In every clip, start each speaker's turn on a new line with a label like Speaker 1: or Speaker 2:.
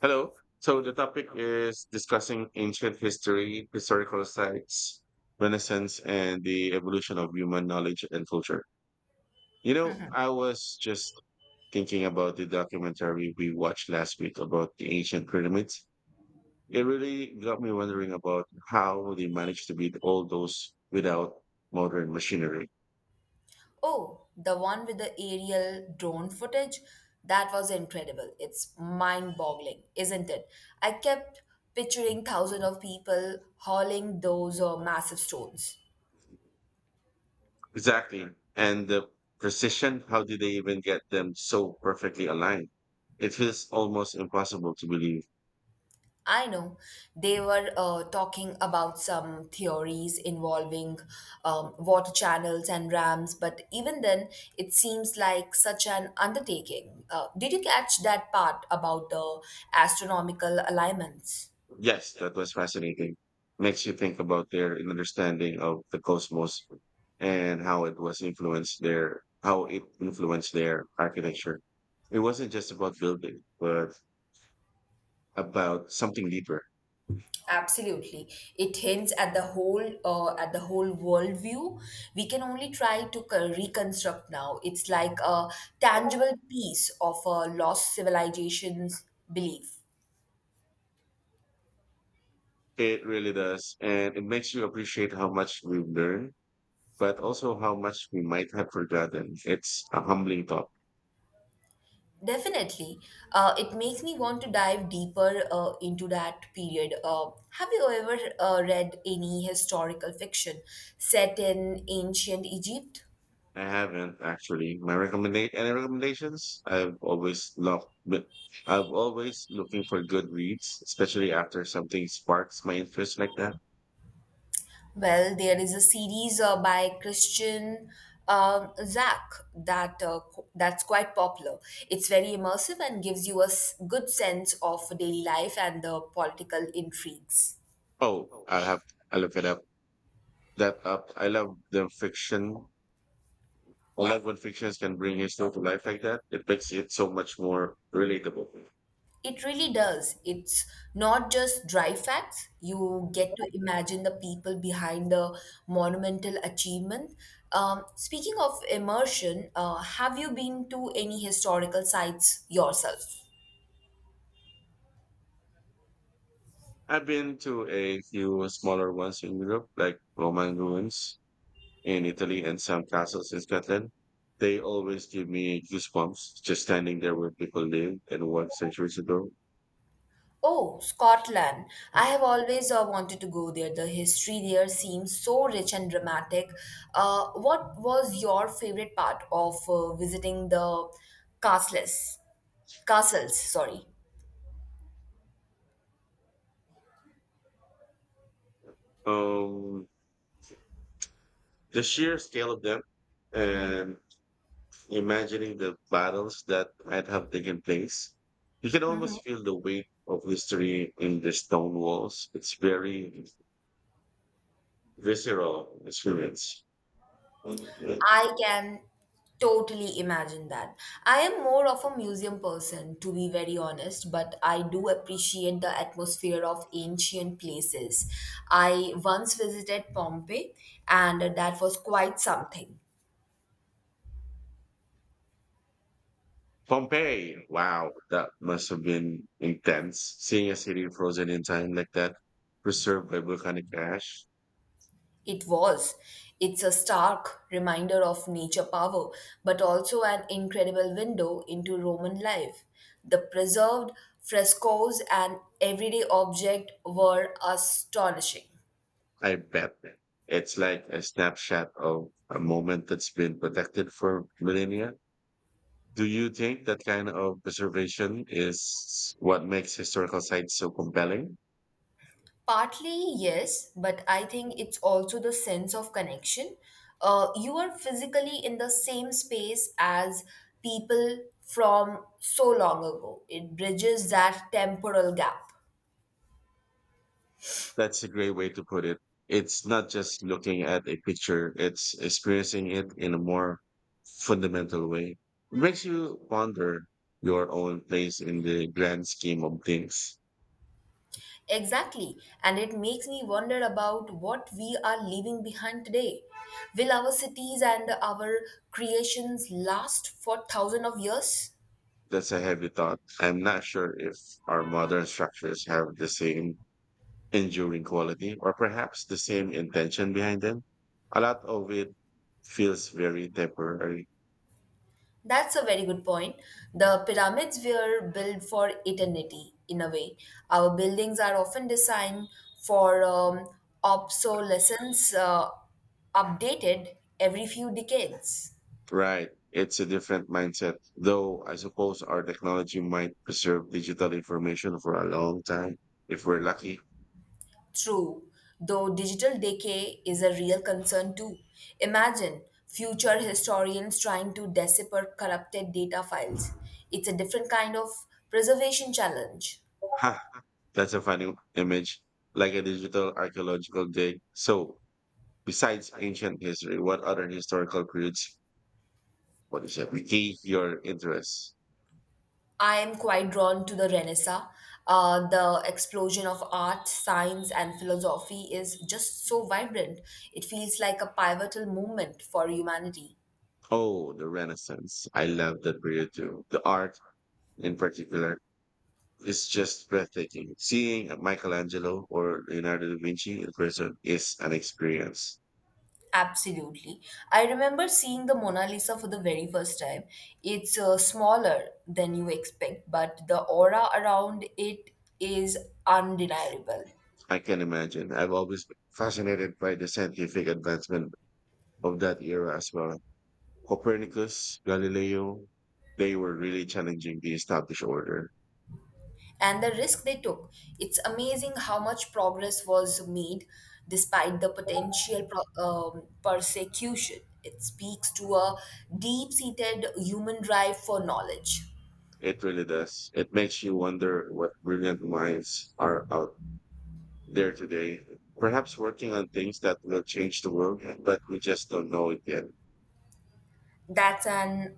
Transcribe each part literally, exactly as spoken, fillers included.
Speaker 1: Hello. So the topic is discussing ancient history, historical sites, Renaissance, and the evolution of human knowledge and culture. You know, I was just thinking about the documentary we watched last week about the ancient pyramids. It really got me wondering about how they managed to beat all those without modern machinery.
Speaker 2: Oh, the one with the aerial drone footage? That was incredible. It's mind-boggling, isn't it? I kept picturing thousands of people hauling those uh, massive stones.
Speaker 1: Exactly. And the precision, how did they even get them so perfectly aligned? It feels almost impossible to believe.
Speaker 2: I know they were uh, talking about some theories involving um, water channels and dams, but even then, it seems like such an undertaking. Uh, did you catch that part about the astronomical alignments?
Speaker 1: Yes, that was fascinating. Makes you think about their understanding of the cosmos and how it was influenced their how it influenced their architecture. It wasn't just about building, but about something deeper.
Speaker 2: Absolutely, it hints at the whole uh, at the whole worldview. We can only try to co- reconstruct now. It's like a tangible piece of a lost civilization's belief.
Speaker 1: It really does, and it makes you appreciate how much we've learned, but also how much we might have forgotten. It's a humbling thought.
Speaker 2: Definitely, uh, it makes me want to dive deeper uh, into that period. Uh, have you ever uh, read any historical fiction set in ancient Egypt?
Speaker 1: I haven't actually. My recommendate any recommendations? I've always loved, but I've always looking for good reads, especially after something sparks my interest like that.
Speaker 2: Well, there is a series uh, by Christian um, Zach that uh, qu- that's quite popular. It's very immersive and gives you a s- good sense of daily life and the political intrigues.
Speaker 1: Oh, I'll have I look it up. That up. I love the fiction. I love when fictions can bring history to life like that. It makes it so much more relatable.
Speaker 2: It really does. It's not just dry facts. You get to imagine the people behind the monumental achievement. Um, speaking of immersion, uh, have you been to any historical sites yourself?
Speaker 1: I've been to a few smaller ones in Europe, like Roman ruins, in Italy and some castles in Scotland. They always give me goosebumps just standing there where people lived and worked centuries ago.
Speaker 2: Oh, Scotland. I have always uh, wanted to go there. The history there seems so rich and dramatic. Uh, what was your favorite part of uh, visiting the castles? Castles, sorry.
Speaker 1: Um, the sheer scale of them and imagining the battles that might have taken place, you can almost feel the weight of history in the stone walls. It's very visceral experience.
Speaker 2: I can totally imagine that. I am more of a museum person, to be very honest, but I do appreciate the atmosphere of ancient places. I once visited Pompeii, and that was quite something.
Speaker 1: Pompeii. Wow, that must have been intense. Seeing a city frozen in time like that, preserved by volcanic ash.
Speaker 2: It was. It's a stark reminder of nature power, but also an incredible window into Roman life. The preserved frescoes and everyday objects were astonishing.
Speaker 1: I bet it's like a snapshot of a moment that's been protected for millennia. Do you think that kind of preservation is what makes historical sites so compelling?
Speaker 2: Partly, yes, but I think it's also the sense of connection. Uh, you are physically in the same space as people from so long ago. It bridges that temporal gap.
Speaker 1: That's a great way to put it. It's not just looking at a picture, it's experiencing it in a more fundamental way. It makes you ponder your own place in the grand scheme of things.
Speaker 2: Exactly. And it makes me wonder about what we are leaving behind today. Will our cities and our creations last for thousands of years?
Speaker 1: That's a heavy thought. I'm not sure if our modern structures have the same enduring quality or perhaps the same intention behind them. A lot of it feels very temporary.
Speaker 2: That's a very good point. The pyramids were built for eternity, in a way. Our buildings are often designed for um, obsolescence, uh, updated every few decades.
Speaker 1: Right. It's a different mindset, though I suppose our technology might preserve digital information for a long time if we're lucky.
Speaker 2: True, though digital decay is a real concern too. Imagine future historians trying to decipher corrupted data files. It's a different kind of preservation challenge.
Speaker 1: Ha! That's a funny image, like a digital archaeological dig. So, besides ancient history, what other historical periods, what is it, pique your interest?
Speaker 2: I am quite drawn to the Renaissance. Uh, the explosion of art, science, and philosophy is just so vibrant. It feels like a pivotal moment for humanity.
Speaker 1: Oh, the Renaissance. I love that period too. The art in particular is just breathtaking. Seeing Michelangelo or Leonardo da Vinci in person is an experience.
Speaker 2: Absolutely. I remember seeing the Mona Lisa for the very first time. It's uh, smaller than you expect, but the aura around it is undeniable.
Speaker 1: I can imagine. I've always been fascinated by the scientific advancement of that era as well. Copernicus, Galileo, they were really challenging the established order.
Speaker 2: And the risk they took, it's amazing how much progress was made despite the potential pro- um, persecution. It speaks to a deep seated human drive for knowledge.
Speaker 1: It really does. It makes you wonder what brilliant minds are out there today, perhaps working on things that will change the world, but we just don't know it yet.
Speaker 2: That's an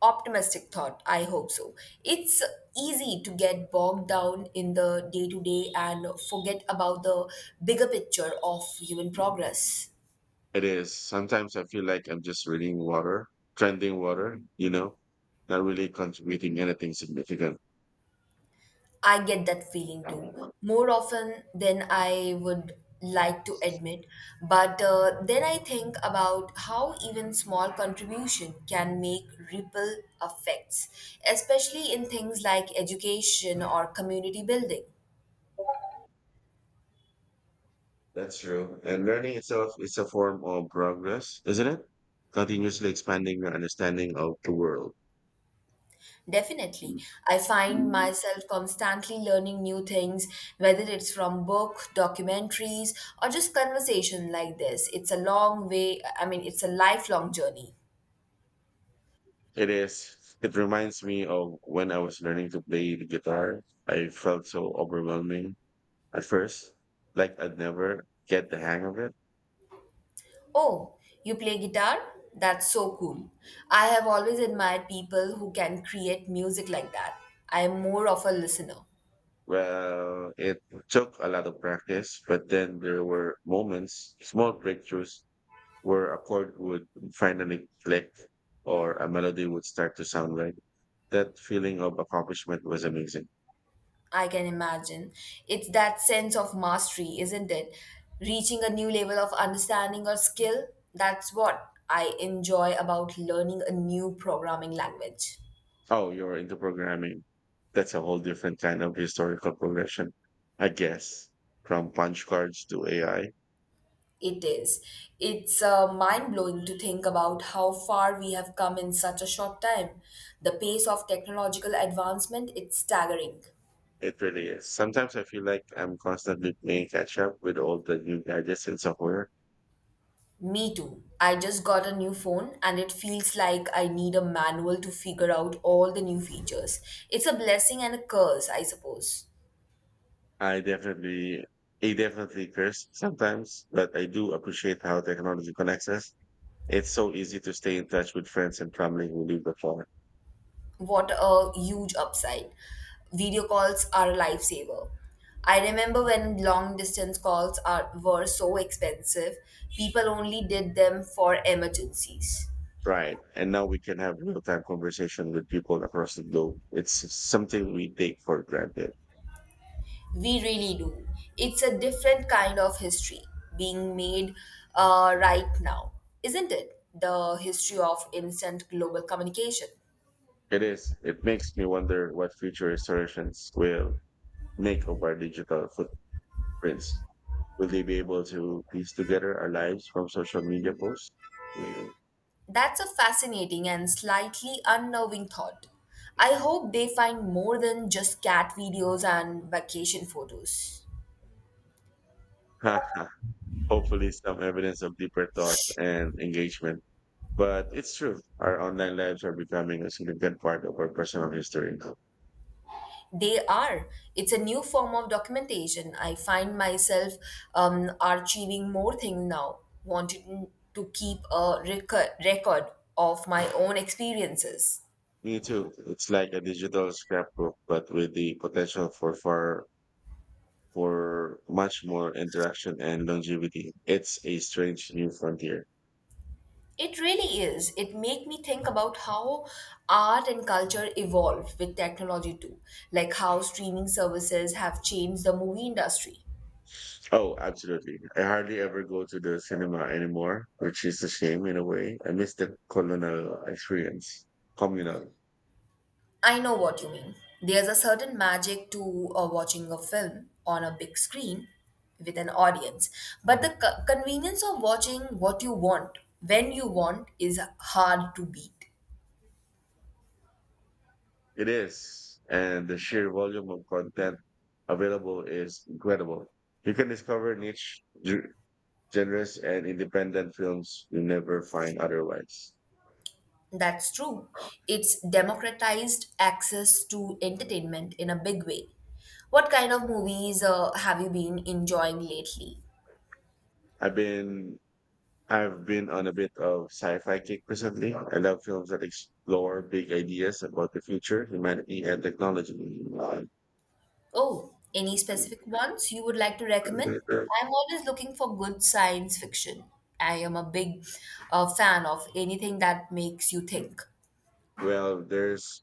Speaker 2: optimistic thought. I hope so. It's easy to get bogged down in the day to day and forget about the bigger picture of human progress.
Speaker 1: It is. Sometimes I feel like I'm just reading water, trending water, you know, not really contributing anything significant.
Speaker 2: I get that feeling too, more often than I would like to admit. But uh, then I think about how even small contribution can make ripple effects, especially in things like education or community building.
Speaker 1: That's true. And learning itself is a form of progress, isn't it? Continuously expanding your understanding of the world.
Speaker 2: Definitely. I find myself constantly learning new things, whether it's from book, documentaries, or just conversation like this. It's a long way, I mean, it's a lifelong journey.
Speaker 1: It is. It reminds me of when I was learning to play the guitar. I felt so overwhelming at first, like I'd never get the hang of it.
Speaker 2: Oh, you play guitar? That's so cool. I have always admired people who can create music like that. I am more of a listener.
Speaker 1: Well, it took a lot of practice, but then there were moments, small breakthroughs, where a chord would finally click or a melody would start to sound right. That feeling of accomplishment was amazing.
Speaker 2: I can imagine. It's that sense of mastery, isn't it? Reaching a new level of understanding or skill. That's what I enjoy about learning a new programming language.
Speaker 1: Oh, you're into programming. That's a whole different kind of historical progression, I guess, from punch cards to A I.
Speaker 2: It is. It's uh, mind blowing to think about how far we have come in such a short time. The pace of technological advancement, it's staggering.
Speaker 1: It really is. Sometimes I feel like I'm constantly playing catch up with all the new gadgets and software.
Speaker 2: Me too. I just got a new phone and it feels like I need a manual to figure out all the new features. It's a blessing and a curse, I suppose.
Speaker 1: I definitely, I definitely curse sometimes, but I do appreciate how technology connects us. It's so easy to stay in touch with friends and family who live afar.
Speaker 2: What a huge upside. Video calls are a lifesaver. I remember when long distance calls are were so expensive, people only did them for emergencies.
Speaker 1: Right. And now we can have real time conversation with people across the globe. It's something we take for granted.
Speaker 2: We really do. It's a different kind of history being made uh, right now, isn't it? The history of instant global communication.
Speaker 1: It is. It makes me wonder what future historians will make of our digital footprints. Will they be able to piece together our lives from social media posts? Mm.
Speaker 2: That's a fascinating and slightly unnerving thought. I hope they find more than just cat videos and vacation photos.
Speaker 1: Hopefully, some evidence of deeper thought and engagement. But it's true. Our online lives are becoming a significant part of our personal history.
Speaker 2: They are. It's a new form of documentation. I find myself um, archiving more things now, wanting to keep a record, record of my own experiences.
Speaker 1: Me too. It's like a digital scrapbook, but with the potential for far for much more interaction and longevity. It's a strange new frontier.
Speaker 2: It really is. It make me think about how art and culture evolve with technology too, like how streaming services have changed the movie industry.
Speaker 1: Oh, absolutely. I hardly ever go to the cinema anymore, which is a shame in a way. I miss the colonial experience. Communal.
Speaker 2: I know what you mean. There's a certain magic to uh, watching a film on a big screen with an audience, but the co- convenience of watching what you want when you want is hard to beat.
Speaker 1: It is. And the sheer volume of content available is incredible. You can discover niche ge- genres and independent films you never find otherwise.
Speaker 2: That's true. It's democratized access to entertainment in a big way. What kind of movies uh, have you been enjoying lately?
Speaker 1: I've been I've been on a bit of sci-fi kick recently. I love films that explore big ideas about the future, humanity, and technology.
Speaker 2: Oh, any specific ones you would like to recommend? I'm always looking for good science fiction. I am a big uh, fan of anything that makes you think.
Speaker 1: Well, there's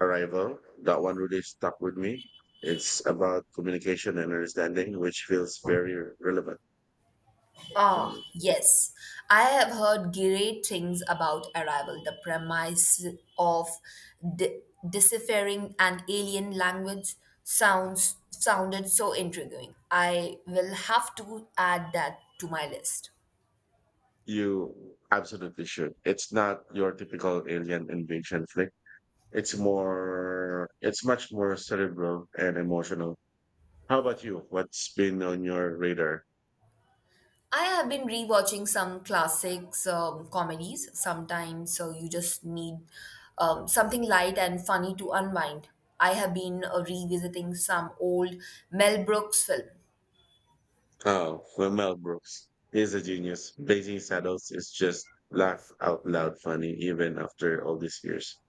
Speaker 1: Arrival. That one really stuck with me. It's about communication and understanding, which feels very relevant.
Speaker 2: Ah, yes. I have heard great things about Arrival, the premise of de- deciphering an alien language sounds sounded so intriguing. I will have to add that to my list.
Speaker 1: You absolutely should. It's not your typical alien invasion flick. It's more, it's much more cerebral and emotional. How about you? What's been on your radar?
Speaker 2: I have been rewatching some classics, um, comedies. Sometimes, so you just need um, something light and funny to unwind. I have been uh, revisiting some old Mel Brooks film.
Speaker 1: Oh, well, Mel Brooks is a genius. Blazing Saddles is just laugh out loud funny, even after all these years.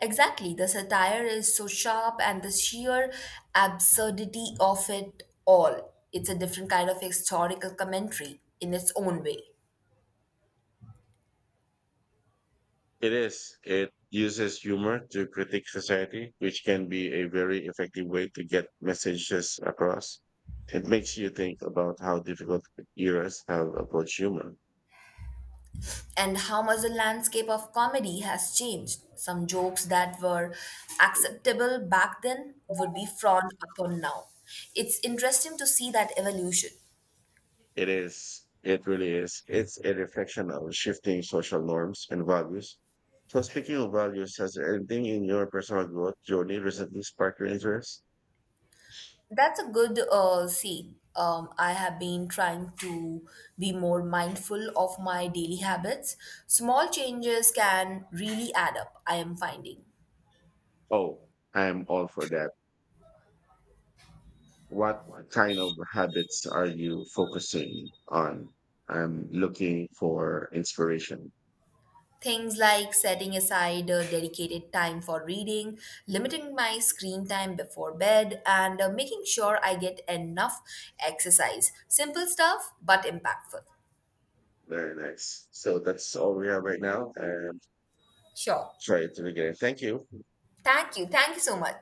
Speaker 2: Exactly, the satire is so sharp, and the sheer absurdity of it all. It's a different kind of historical commentary in its own way.
Speaker 1: It is. It uses humor to critique society, which can be a very effective way to get messages across. It makes you think about how difficult eras have approached humor.
Speaker 2: And how much the landscape of comedy has changed. Some jokes that were acceptable back then would be frowned upon now. It's interesting to see that evolution.
Speaker 1: It is. It really is. It's a reflection of shifting social norms and values. So, speaking of values, has anything in your personal growth journey recently sparked your interest?
Speaker 2: That's a good uh, see. Um, I have been trying to be more mindful of my daily habits. Small changes can really add up, I am finding.
Speaker 1: Oh, I am all for that. What kind of habits are you focusing on? I'm looking for inspiration.
Speaker 2: Things like setting aside a dedicated time for reading, limiting my screen time before bed, and uh, making sure I get enough exercise. Simple stuff, but impactful.
Speaker 1: Very nice. So that's all we have right now. And
Speaker 2: Sure.
Speaker 1: try it again. Thank you.
Speaker 2: Thank you. Thank you so much.